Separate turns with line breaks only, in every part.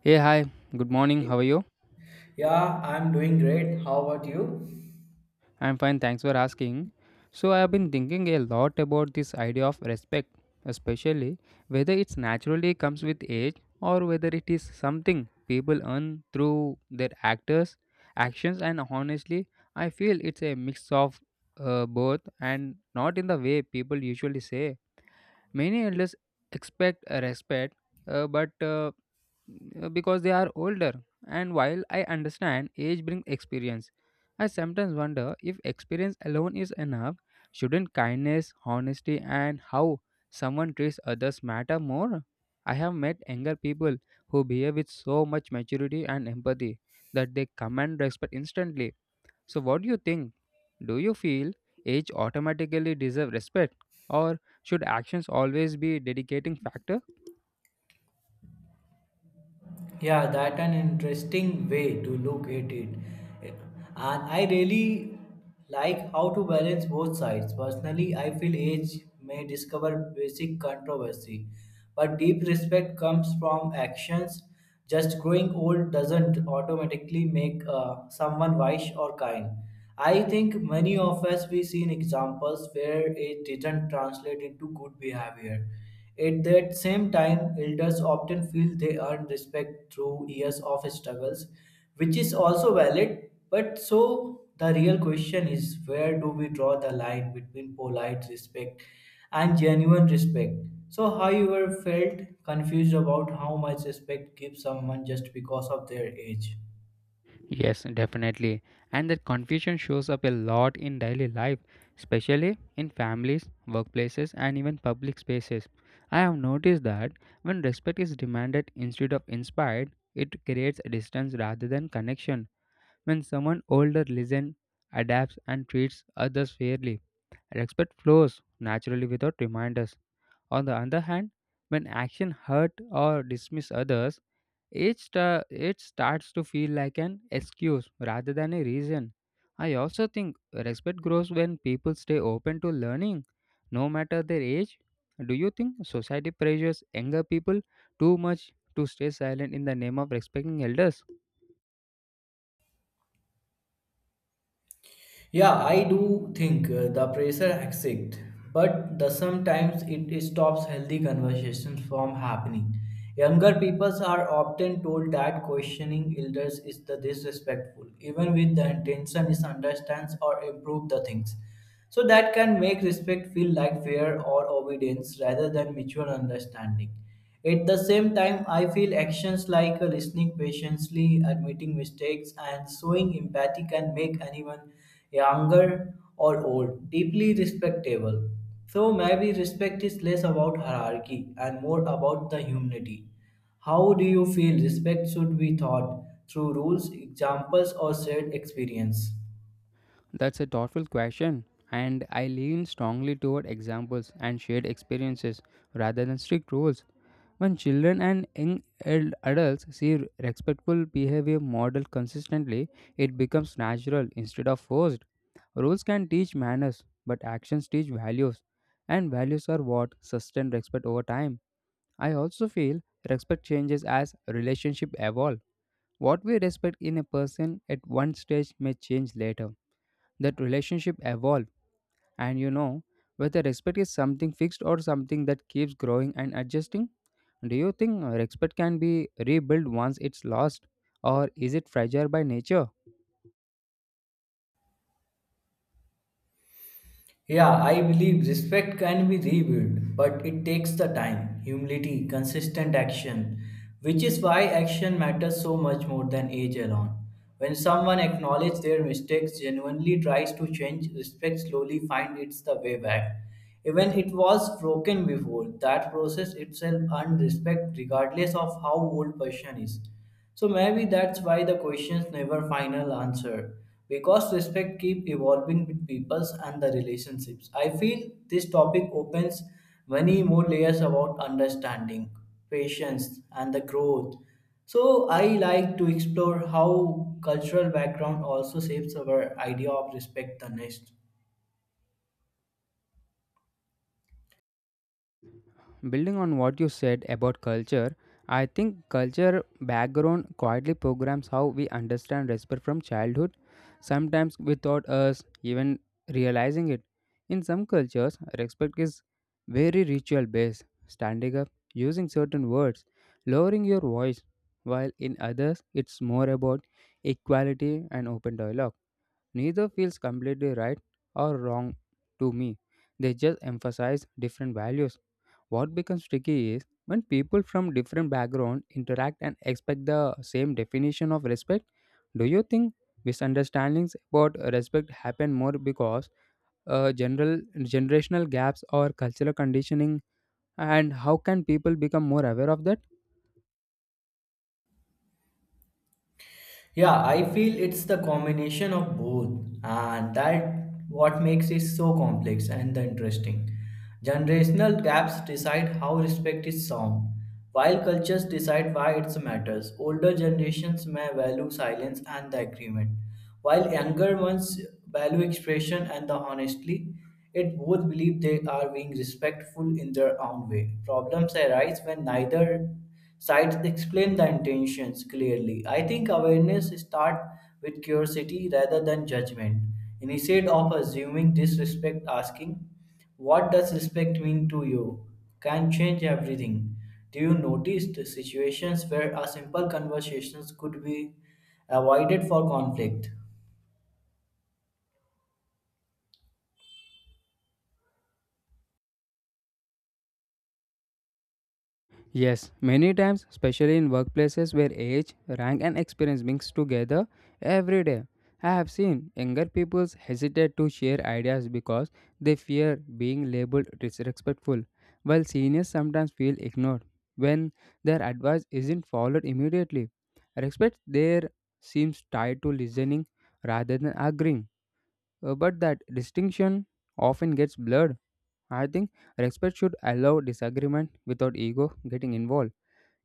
Hey, hi, good morning, how are you?
Yeah, I'm doing great. How about you?
I'm fine, thanks for asking. So, I have been thinking a lot about this idea of respect, especially whether it's naturally comes with age or whether it is something people earn through their actions, and honestly, I feel it's a mix of both and not in the way people usually say. Many elders expect a respect, but because they are older, and while I understand age brings experience, I sometimes wonder if experience alone is enough. Shouldn't kindness, honesty, and how someone treats others matter more? I have met younger people who behave with so much maturity and empathy that they command respect instantly. So, what do you think? Do you feel age automatically deserve respect, or should actions always be dedicating factor?
Yeah, that an interesting way to look at it. And I really like how to balance both sides. Personally, I feel age may discover basic controversy, but deep respect comes from actions. Just growing old doesn't automatically make someone wise or kind. I think many of us we seen examples where it didn't translate into good behavior. At that same time, elders often feel they earn respect through years of struggles, which is also valid. But so the real question is, where do we draw the line between polite respect and genuine respect? So, have you ever felt confused about how much respect give someone just because of their age?
Yes, definitely. And that confusion shows up a lot in daily life, especially in families, workplaces, and even public spaces. I have noticed that when respect is demanded instead of inspired, it creates a distance rather than connection. When someone older listens, adapts, and treats others fairly, respect flows naturally without reminders. On the other hand, when action hurt or dismiss others, it starts to feel like an excuse rather than a reason. I also think respect grows when people stay open to learning, no matter their age. Do you think society pressures younger people too much to stay silent in the name of respecting elders?
Yeah, I do think the pressure exists, but the sometimes it stops healthy conversations from happening. Younger peoples are often told that questioning elders is the disrespectful, even with the intention is understands or improve the things. So that can make respect feel like fear or obedience rather than mutual understanding. At the same time, I feel actions like listening patiently, admitting mistakes, and showing empathy can make anyone younger or old deeply respectable. So maybe respect is less about hierarchy and more about the humanity. How do you feel respect should be taught, through rules, examples, or shared experience?
That's a thoughtful question, and I lean strongly toward examples and shared experiences rather than strict rules. When children and young adults see respectful behavior modeled consistently, it becomes natural instead of forced. Rules can teach manners, but actions teach values, and values are what sustain respect over time. I also feel respect changes as relationships evolve. What we respect in a person at one stage may change later. That relationship evolve, and you know whether respect is something fixed or something that keeps growing and adjusting. Do you think respect can be rebuilt once it's lost, or is it fragile by nature?
Yeah, I believe respect can be rebuilt, but it takes the time, humility, consistent action, which is why action matters so much more than age alone. When someone acknowledges their mistakes, genuinely tries to change, respect slowly finds it's the way back. Even it was broken before, that process itself earned respect regardless of how old person is. So maybe that's why the questions never final answer, because respect keep evolving with peoples and the relationships. I feel this topic opens many more layers about understanding, patience and the growth. So I like to explore how cultural background also shapes our idea of respect the next.
Building on what you said about culture, I think culture background quietly programs how we understand respect from childhood, sometimes without us even realizing it. In some cultures, respect is very ritual based, standing up, using certain words, lowering your voice, while in others, it's more about equality and open dialogue. Neither feels completely right or wrong to me, they just emphasize different values. What becomes tricky is when people from different backgrounds interact and expect the same definition of respect. Do you think misunderstandings about respect happen more because general generational gaps or cultural conditioning? And how can people become more aware of that?
Yeah, I feel it's the combination of both, and that what makes it so complex and the interesting. Generational gaps decide how respect is sound, while cultures decide why it matters. Older generations may value silence and the agreement, while younger ones value expression and the honesty. It both believe they are being respectful in their own way. Problems arise when neither sites explain the intentions clearly. I think awareness start with curiosity rather than judgment. Instead of assuming disrespect, asking, "What does respect mean to you?" can change everything. Do you notice the situations where a simple conversation could be avoided for conflict?
Yes, many times, especially in workplaces where age, rank, and experience mix together every day. I have seen younger people hesitate to share ideas because they fear being labeled disrespectful, while seniors sometimes feel ignored when their advice isn't followed immediately. Respect there seems tied to listening rather than agreeing, but that distinction often gets blurred. I think respect should allow disagreement without ego getting involved.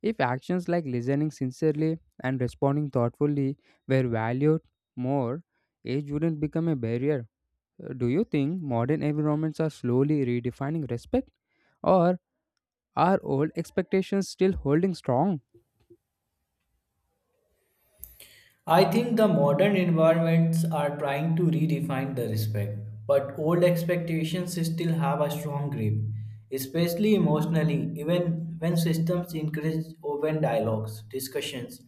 If actions like listening sincerely and responding thoughtfully were valued more, age wouldn't become a barrier. Do you think modern environments are slowly redefining respect, or are old expectations still holding strong?
I think the modern environments are trying to redefine the respect, but old expectations still have a strong grip, especially emotionally, even when systems encourage open dialogues, discussions.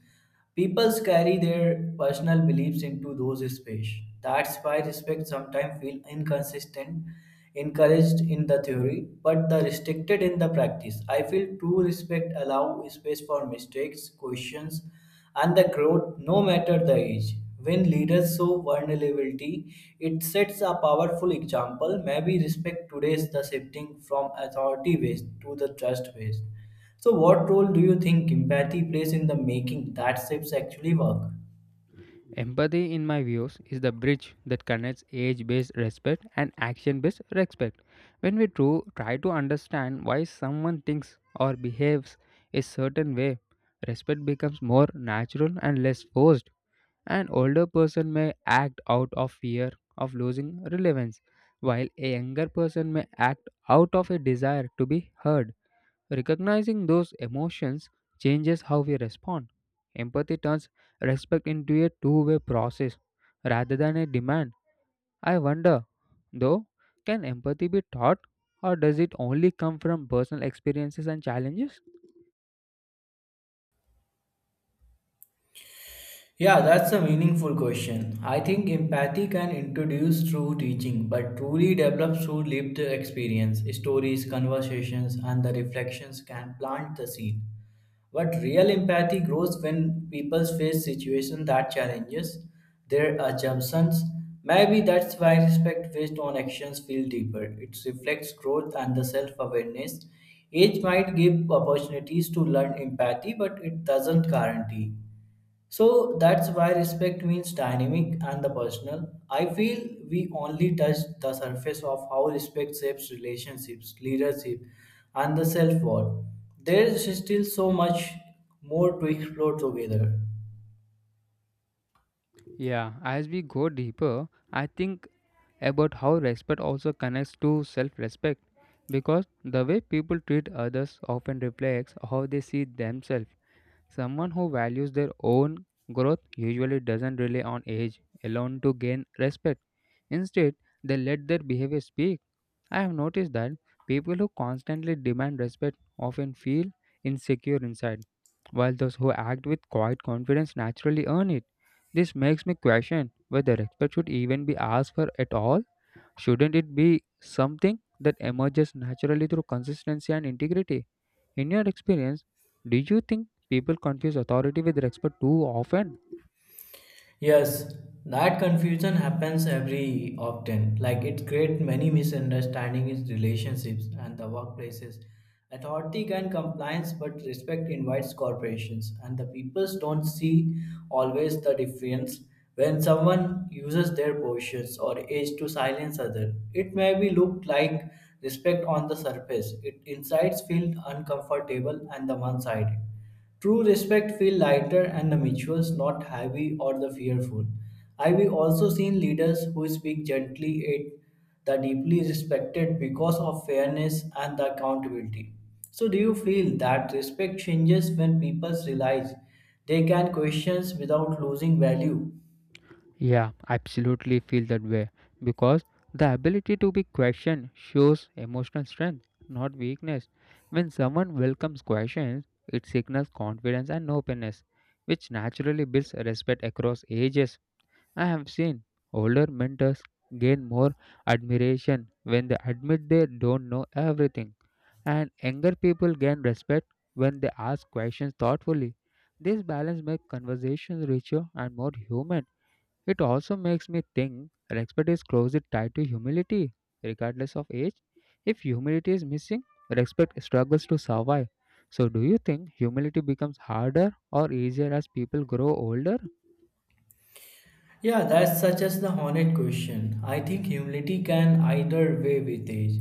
People carry their personal beliefs into those spaces. That's why respect sometimes feels inconsistent, encouraged in the theory, but the restricted in the practice. I feel true respect allows space for mistakes, questions, and the growth, no matter the age. When leaders show vulnerability, it sets a powerful example. Maybe respect today is the shifting from authority based to the trust based. So, what role do you think empathy plays in the making that shifts actually work?
Empathy, in my views, is the bridge that connects age based respect and action based respect. When we try to understand why someone thinks or behaves a certain way, respect becomes more natural and less forced. An older person may act out of fear of losing relevance, while a younger person may act out of a desire to be heard. Recognizing those emotions changes how we respond. Empathy turns respect into a two-way process rather than a demand. I wonder, though, can empathy be taught, or does it only come from personal experiences and challenges?
Yeah, that's a meaningful question. I think empathy can introduce through teaching, but truly develops through lived experience. Stories, conversations, and the reflections can plant the seed. But real empathy grows when people face situations that challenges their assumptions. Maybe that's why respect based on actions feel deeper. It reflects growth and the self-awareness. Age might give opportunities to learn empathy, but it doesn't guarantee. So that's why respect means dynamic and the personal. I feel we only touch the surface of how respect shapes relationships, leadership, and the self worth. There is still so much more to explore together.
Yeah, as we go deeper, I think about how respect also connects to self respect because the way people treat others often reflects how they see themselves. Someone who values their own growth usually doesn't rely on age alone to gain respect. Instead, they let their behavior speak. I have noticed that people who constantly demand respect often feel insecure inside, while those who act with quiet confidence naturally earn it. This makes me question whether respect should even be asked for at all. Shouldn't it be something that emerges naturally through consistency and integrity? In your experience, do you think people confuse authority with respect too often?
Yes, that confusion happens every often. Like it creates many misunderstandings in relationships and the workplaces. Authority can compliance, but respect invites corporations, and the peoples don't see always the difference. When someone uses their positions or age to silence others, it may be looked like respect on the surface. It insides feel uncomfortable and the one-sided. True respect feel lighter and the mutuals, not heavy or the fearful. I've also seen leaders who speak gently it the deeply respected because of fairness and the accountability. So do you feel that respect changes when people realize they can questions without losing value?
Yeah, absolutely feel that way because the ability to be questioned shows emotional strength, not weakness. When someone welcomes questions, it signals confidence and openness, which naturally builds respect across ages. I have seen older mentors gain more admiration when they admit they don't know everything, and younger people gain respect when they ask questions thoughtfully. This balance makes conversations richer and more human. It also makes me think respect is closely tied to humility, regardless of age. If humility is missing, respect struggles to survive. So, do you think humility becomes harder or easier as people grow older?
Yeah, that's such as the honest question. I think humility can either way with age.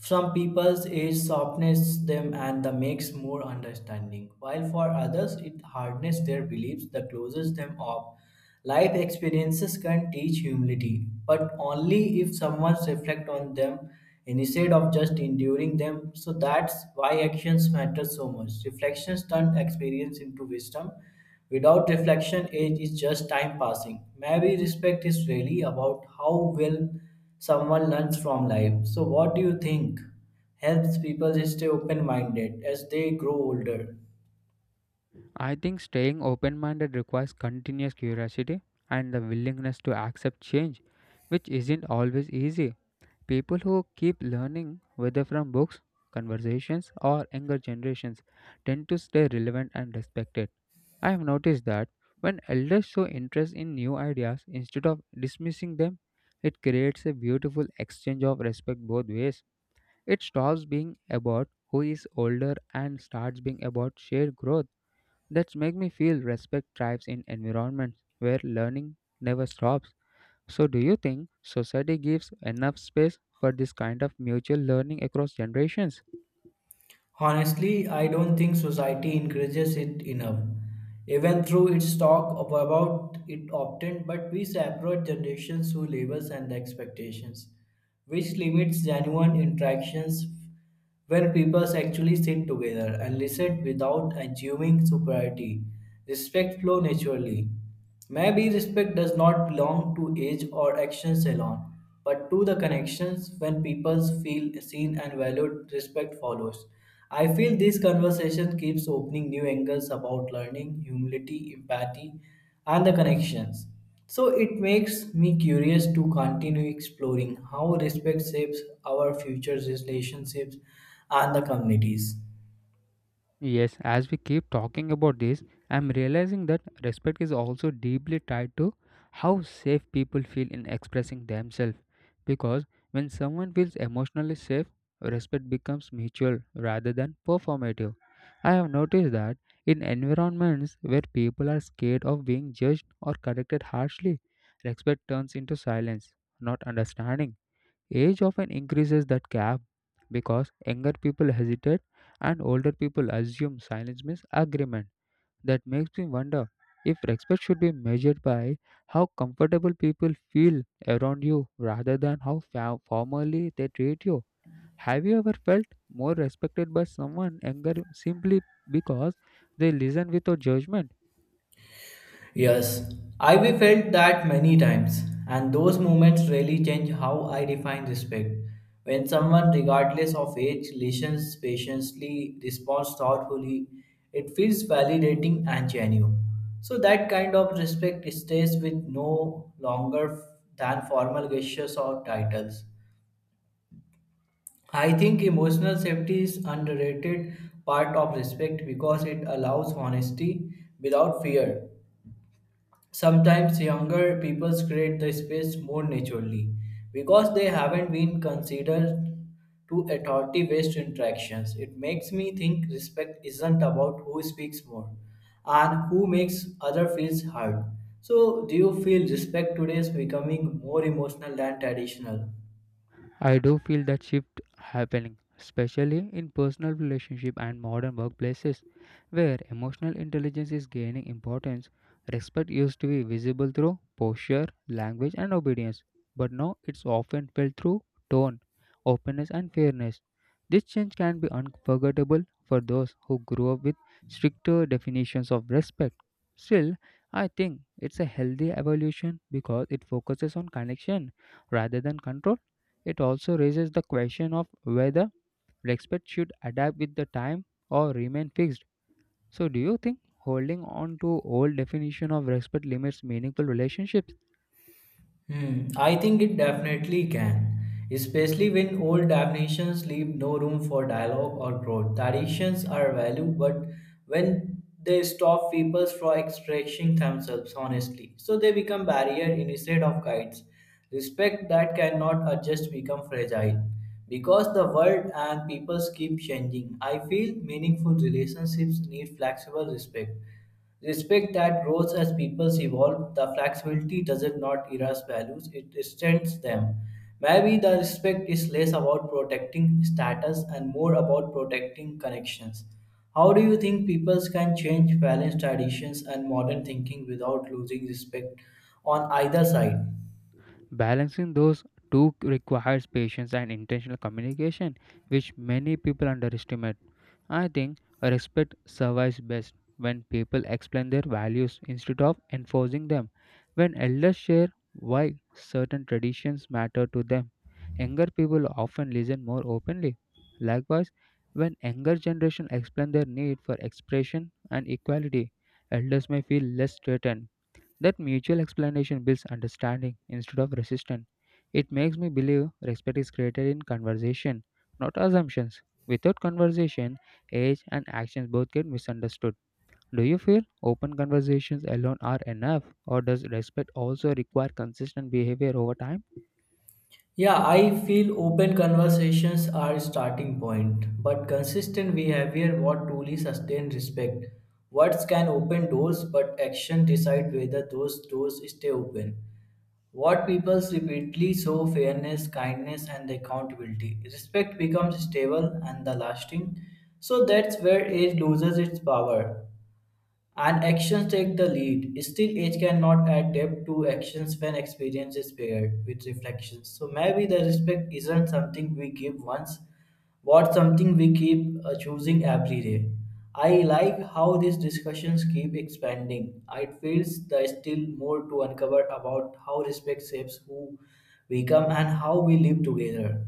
Some people's age softens them and the makes more understanding, while for others it hardens their beliefs that closes them off. Life experiences can teach humility, but only if someone reflects on them instead of just enduring them. So that's why actions matter so much. Reflections turn experience into wisdom. Without reflection, age is just time passing. Maybe respect is really about how well someone learns from life. So, what do you think helps people stay open minded as they grow older?
I think staying open minded requires continuous curiosity and the willingness to accept change, which isn't always easy. People who keep learning, whether from books, conversations, or younger generations, tend to stay relevant and respected. I have noticed that when elders show interest in new ideas instead of dismissing them, it creates a beautiful exchange of respect both ways. It stops being about who is older and starts being about shared growth. That's make me feel respect thrives in environments where learning never stops. So do you think society gives enough space for this kind of mutual learning across generations?
Honestly, I don't think society encourages it enough. Even through its talk of- about it often, but we separate generations through labels and expectations, which limits genuine interactions when people actually sit together and listen without assuming superiority. Respect flow naturally. Maybe respect does not belong to age or actions alone, but to the connections when people feel seen and valued, respect follows. I feel this conversation keeps opening new angles about learning, humility, empathy, and the connections. So it makes me curious to continue exploring how respect shapes our future relationships and the communities.
Yes, as we keep talking about this, I'm realizing that respect is also deeply tied to how safe people feel in expressing themselves. Because when someone feels emotionally safe, respect becomes mutual rather than performative. I have noticed that in environments where people are scared of being judged or corrected harshly, respect turns into silence, not understanding. Age often increases that gap because younger people hesitate and older people assume silence means agreement. That makes me wonder if respect should be measured by how comfortable people feel around you rather than how formally they treat you. Have you ever felt more respected by someone younger simply because they listen without judgment?
Yes, I've felt that many times, and those moments really change how I define respect. When someone, regardless of age, listens patiently, responds thoughtfully, it feels validating and genuine. So that kind of respect stays with no longer than formal gestures or titles. I think emotional safety is underrated part of respect because it allows honesty without fear. Sometimes younger people create the space more naturally because they haven't been considered to authority based interactions. It makes me think respect isn't about who speaks more and who makes other feels heard. So do you feel respect today is becoming more emotional than traditional?
I do feel that shift happening, especially in personal relationship and modern workplaces, where emotional intelligence is gaining importance. Respect used to be visible through posture, language, and obedience, but now it's often felt through tone, openness, and fairness. This change can be unforgettable for those who grew up with stricter definitions of respect. Still, I think it's a healthy evolution because it focuses on connection rather than control. It also raises the question of whether respect should adapt with the time or remain fixed. So, do you think holding on to old definition of respect limits meaningful relationships?
Hmm, I think it definitely can, especially when old definitions leave no room for dialogue or growth. Traditions are value, but when they stop people from expressing themselves honestly, so they become barrier instead of guides. Respect that cannot adjust become fragile because the world and peoples keep changing. I feel meaningful relationships need flexible respect. Respect that grows as peoples evolve. The flexibility doesn't erase values; it strengthens them. Maybe the respect is less about protecting status and more about protecting connections. How do you think peoples can change balanced traditions and modern thinking without losing respect on either side?
Balancing those two requires patience and intentional communication, which many people underestimate. I think respect survives best when people explain their values instead of enforcing them. When elders share why certain traditions matter to them, younger people often listen more openly. Likewise, when younger generation explain their need for expression and equality, elders may feel less threatened. That mutual explanation builds understanding instead of resistance. It makes me believe respect is created in conversation, not assumptions. Without conversation, age and actions both get misunderstood. Do you feel open conversations alone are enough, or does respect also require consistent behavior over time?
Yeah, I feel open conversations are starting point, but consistent behavior what truly sustain respect. Words can open doors, but action decide whether those doors stay open. What people repeatedly show fairness, kindness, and accountability. Respect becomes stable and the lasting. So that's where age loses its power and actions take the lead. Still, age cannot adapt to actions when experience is paired with reflections. So maybe the respect isn't something we give once, but something we keep choosing every day. I like how these discussions keep expanding. It feels there's still more to uncover about how respect shapes who we become and how we live together.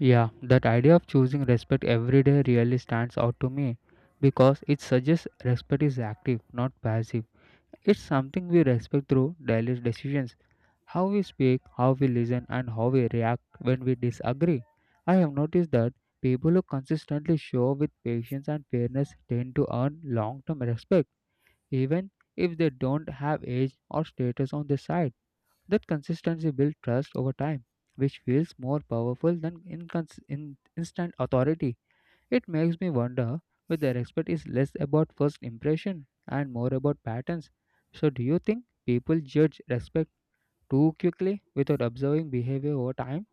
Yeah, that idea of choosing respect every day really stands out to me because it suggests respect is active, not passive. It's something we respect through daily decisions. How we speak, how we listen, and how we react when we disagree. I have noticed that people who consistently show with patience and fairness tend to earn long term respect, even if they don't have age or status on their side. That consistency builds trust over time, which feels more powerful than instant authority. It makes me wonder whether respect is less about first impression and more about patterns. So, do you think people judge respect too quickly without observing behavior over time?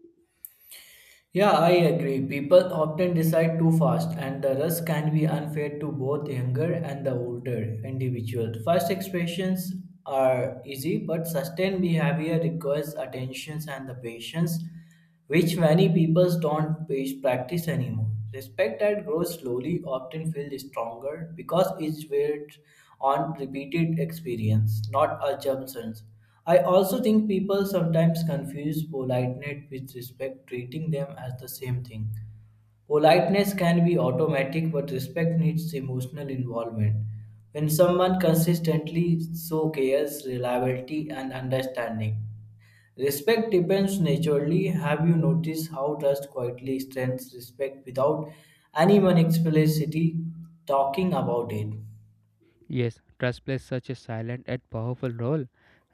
Yeah, I agree. People often decide too fast, and the rush can be unfair to both younger and the older individual. First expressions are easy, but sustained behavior requires attention and the patience, which many people don't practice anymore. Respect that grows slowly often feels stronger because it's built on repeated experience, not assumptions. I also think people sometimes confuse politeness with respect, treating them as the same thing. Politeness can be automatic, but respect needs emotional involvement. When someone consistently shows cares, reliability, and understanding, respect depends naturally. Have you noticed how trust quietly strengthens respect without anyone explicitly talking about it?
Yes, trust plays such a silent and powerful role,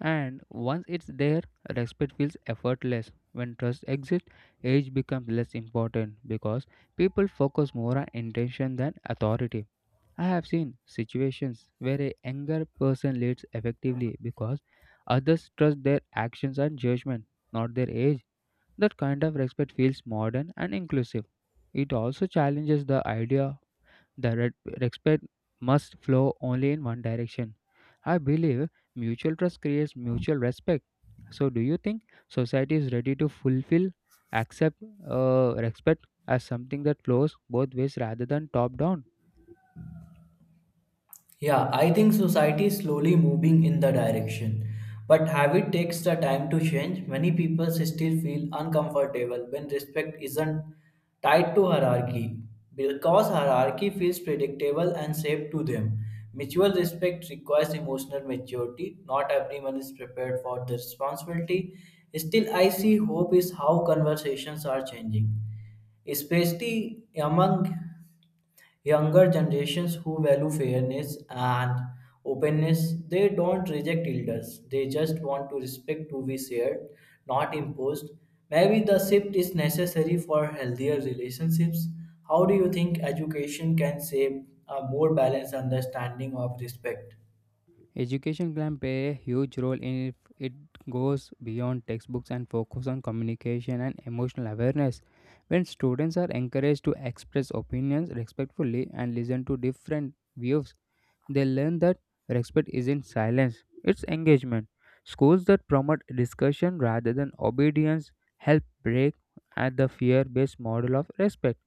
and once it's there, respect feels effortless. When trust exists, age becomes less important because people focus more on intention than authority. I have seen situations where a younger person leads effectively because others trust their actions and judgment, not their age. That kind of respect feels modern and inclusive. It also challenges the idea. The respect must flow only in one direction. I believe mutual trust creates mutual respect. So, do you think society is ready to fulfill, accept, respect as something that flows both ways rather than top down?
Yeah, I think society is slowly moving in the direction. But habit takes the time to change. Many people still feel uncomfortable when respect isn't tied to hierarchy because hierarchy feels predictable and safe to them. Mutual respect requires emotional maturity. Not everyone is prepared for the responsibility. Still, I see hope is how conversations are changing, especially among younger generations who value fairness and openness, they don't reject elders. They just want to respect to be shared, not imposed. Maybe the shift is necessary for healthier relationships. How do you think education can shape a more balanced understanding of respect?
Education can play a huge role in if it goes beyond textbooks and focus on communication and emotional awareness. When students are encouraged to express opinions respectfully and listen to different views, they learn that respect isn't silence, it's engagement. Schools that promote discussion rather than obedience help break at the fear based model of respect.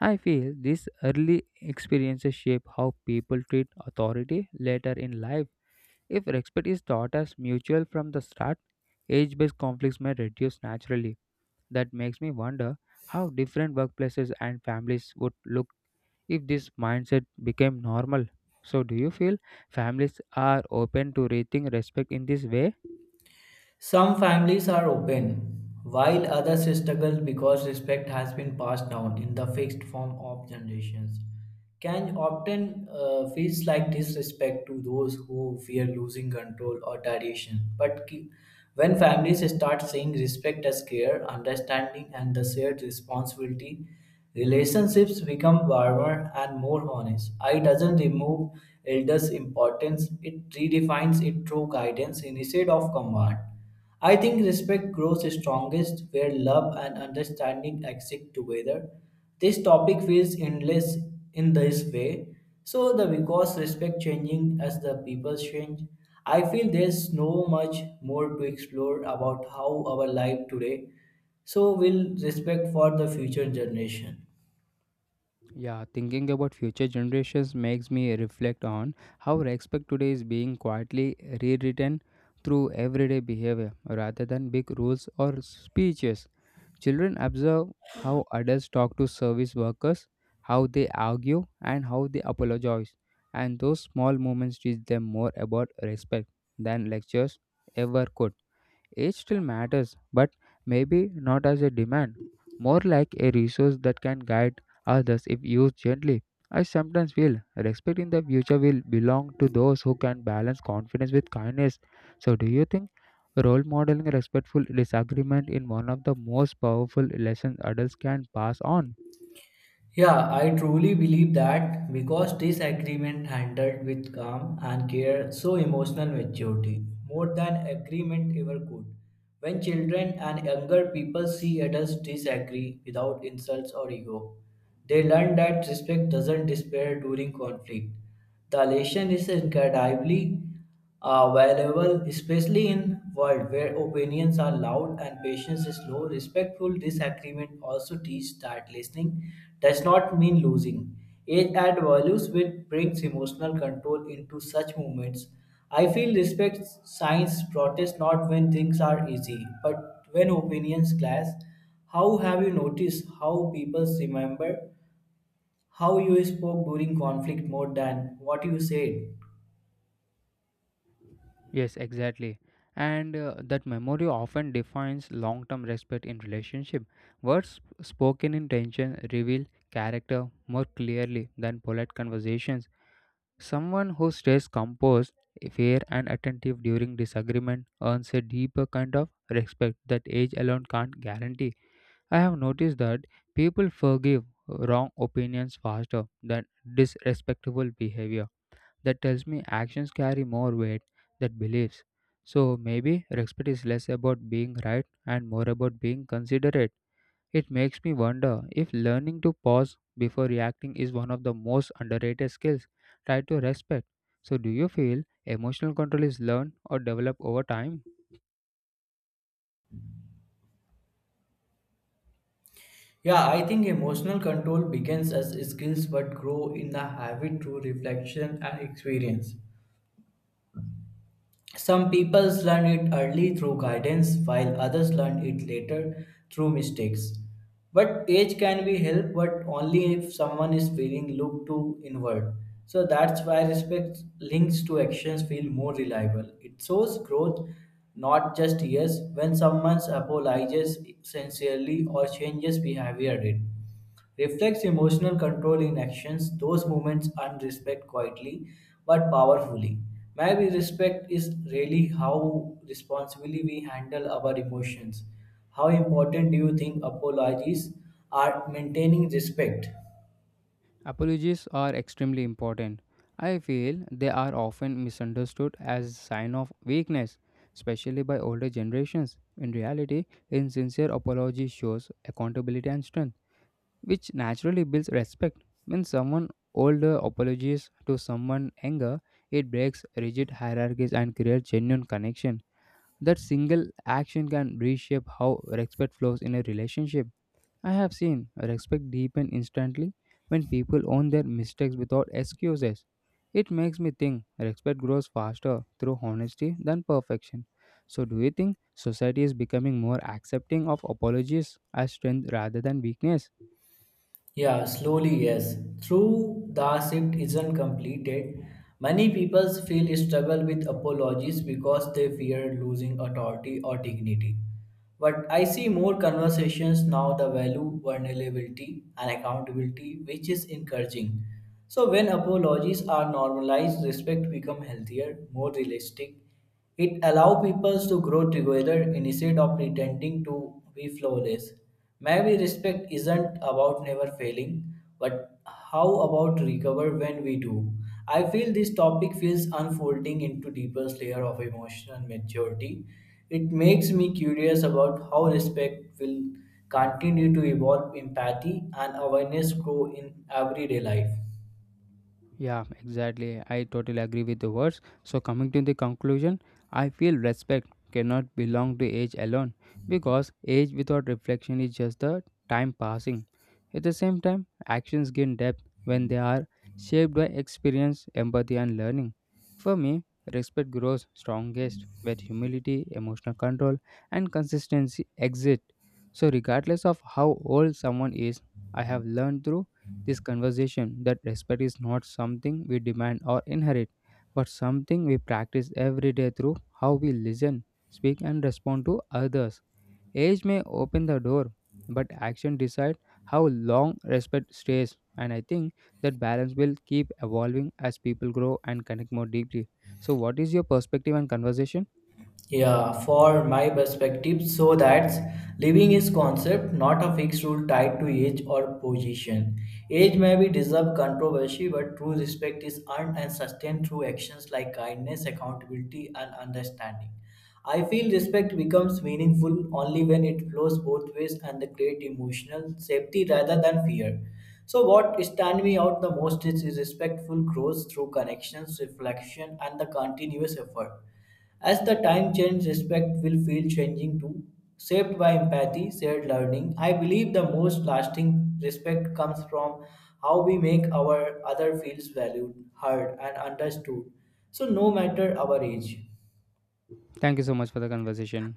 I feel these early experiences shape how people treat authority later in life. If respect is taught as mutual from the start, age based conflicts may reduce naturally. That makes me wonder how different workplaces and families would look if this mindset became normal. So, do you feel families are open to rethink respect in this way?
Some families are open, while others struggle because respect has been passed down in the fixed form of generations. Can often feels like disrespect to those who fear losing control or tradition. But when families start seeing respect as care, understanding, and the shared responsibility, relationships become warmer and more honest. I doesn't remove elders' importance, it redefines it through guidance instead of command. I think respect grows strongest where love and understanding exist together. This topic feels endless in this way. So the because respect changing as the people change, I feel there's no much more to explore about how our life today so will respect for the future generation.
Yeah, thinking about future generations makes me reflect on how respect today is being quietly rewritten through everyday behavior rather than big rules or speeches. Children observe how adults talk to service workers, how they argue, and how they apologize. And those small moments teach them more about respect than lectures ever could. Age still matters, but maybe not as a demand, more like a resource that can guide others if used gently. I sometimes feel respect in the future will belong to those who can balance confidence with kindness. So, do you think role modeling respectful disagreement in one of the most powerful lessons adults can pass on?
Yeah, I truly believe that because this agreement handled with calm and care, so emotional maturity, more than agreement ever could. When children and younger people see adults disagree without insults or ego, they learn that respect doesn't despair during conflict. The lesson is incredibly are valuable, especially in world where opinions are loud and patience is low. Respectful disagreement also teach that listening does not mean losing. Age and values which brings emotional control into such moments. I feel respect signs protest not when things are easy, but when opinions clash. How have you noticed how people remember how you spoke during conflict more than what you said?
Yes, exactly. And that memory often defines long term respect in relationship. Words spoken in tension reveal character more clearly than polite conversations. Someone who stays composed, fair, and attentive during disagreement earns a deeper kind of respect that age alone can't guarantee. I have noticed that people forgive wrong opinions faster than disrespectful behavior that tells me actions carry more weight than beliefs. So maybe respect is less about being right and more about being considerate. It makes me wonder if learning to pause before reacting is one of the most underrated skills tied to respect. So, do you feel emotional control is learned or developed over time?
Yeah, I think emotional control begins as skills but grow in the habit through reflection and experience. Some people learn it early through guidance while others learn it later through mistakes. But age can be helped but only if someone is feeling look to inward. So that's why respect links to actions feel more reliable. It shows growth, not just years, when someone apologizes sincerely or changes behavior. It reflects emotional control in actions. Those moments earn respect quietly but powerfully. Maybe respect is really how responsibly we handle our emotions. How important do you think apologies are maintaining respect?
Apologies are extremely important. I feel they are often misunderstood as sign of weakness, especially by older generations. In reality, insincere apology shows accountability and strength, which naturally builds respect. When someone older apologizes to someone younger, it breaks rigid hierarchies and creates genuine connection. That single action can reshape how respect flows in a relationship. I have seen respect deepen instantly when people own their mistakes without excuses. It makes me think respect grows faster through honesty than perfection. So, do you think society is becoming more accepting of apologies as strength rather than weakness?
Yeah, slowly, yes. Through the shift isn't completed, many people feel struggle with apologies because they fear losing authority or dignity. But I see more conversations now the value, vulnerability, and accountability, which is encouraging. So when apologies are normalized, respect become healthier, more realistic. It allow people to grow together instead of pretending to be flawless. Maybe respect isn't about never failing, but how about recover when we do? I feel this topic feels unfolding into deeper layer of emotional maturity. It makes me curious about how respect will continue to evolve empathy and awareness grow in everyday life.
Yeah, exactly. I totally agree with the words. So, coming to the conclusion, I feel respect cannot belong to age alone because age without reflection is just the time passing. At the same time, actions gain depth when they are shaped by experience, empathy, and learning. For me, respect grows strongest where humility, emotional control, and consistency exist. So, regardless of how old someone is, I have learned through this conversation that respect is not something we demand or inherit, but something we practice every day through how we listen, speak, and respond to others. Age may open the door, but action decides how long respect stays. And I think that balance will keep evolving as people grow and connect more deeply. So, what is your perspective and conversation?
Yeah, for my perspective, so that's living is concept, not a fixed rule tied to age or position. Age may be deserve controversy, but true respect is earned and sustained through actions like kindness, accountability, and understanding. I feel respect becomes meaningful only when it flows both ways and they create emotional safety rather than fear. So, what stand me out the most is respectful growth through connections, reflection, and the continuous effort. As the time changes, respect will feel changing too, shaped by empathy, shared learning. I believe the most lasting respect comes from how we make our other feels valued, heard, and understood. So, no matter our age.
Thank you so much for the conversation.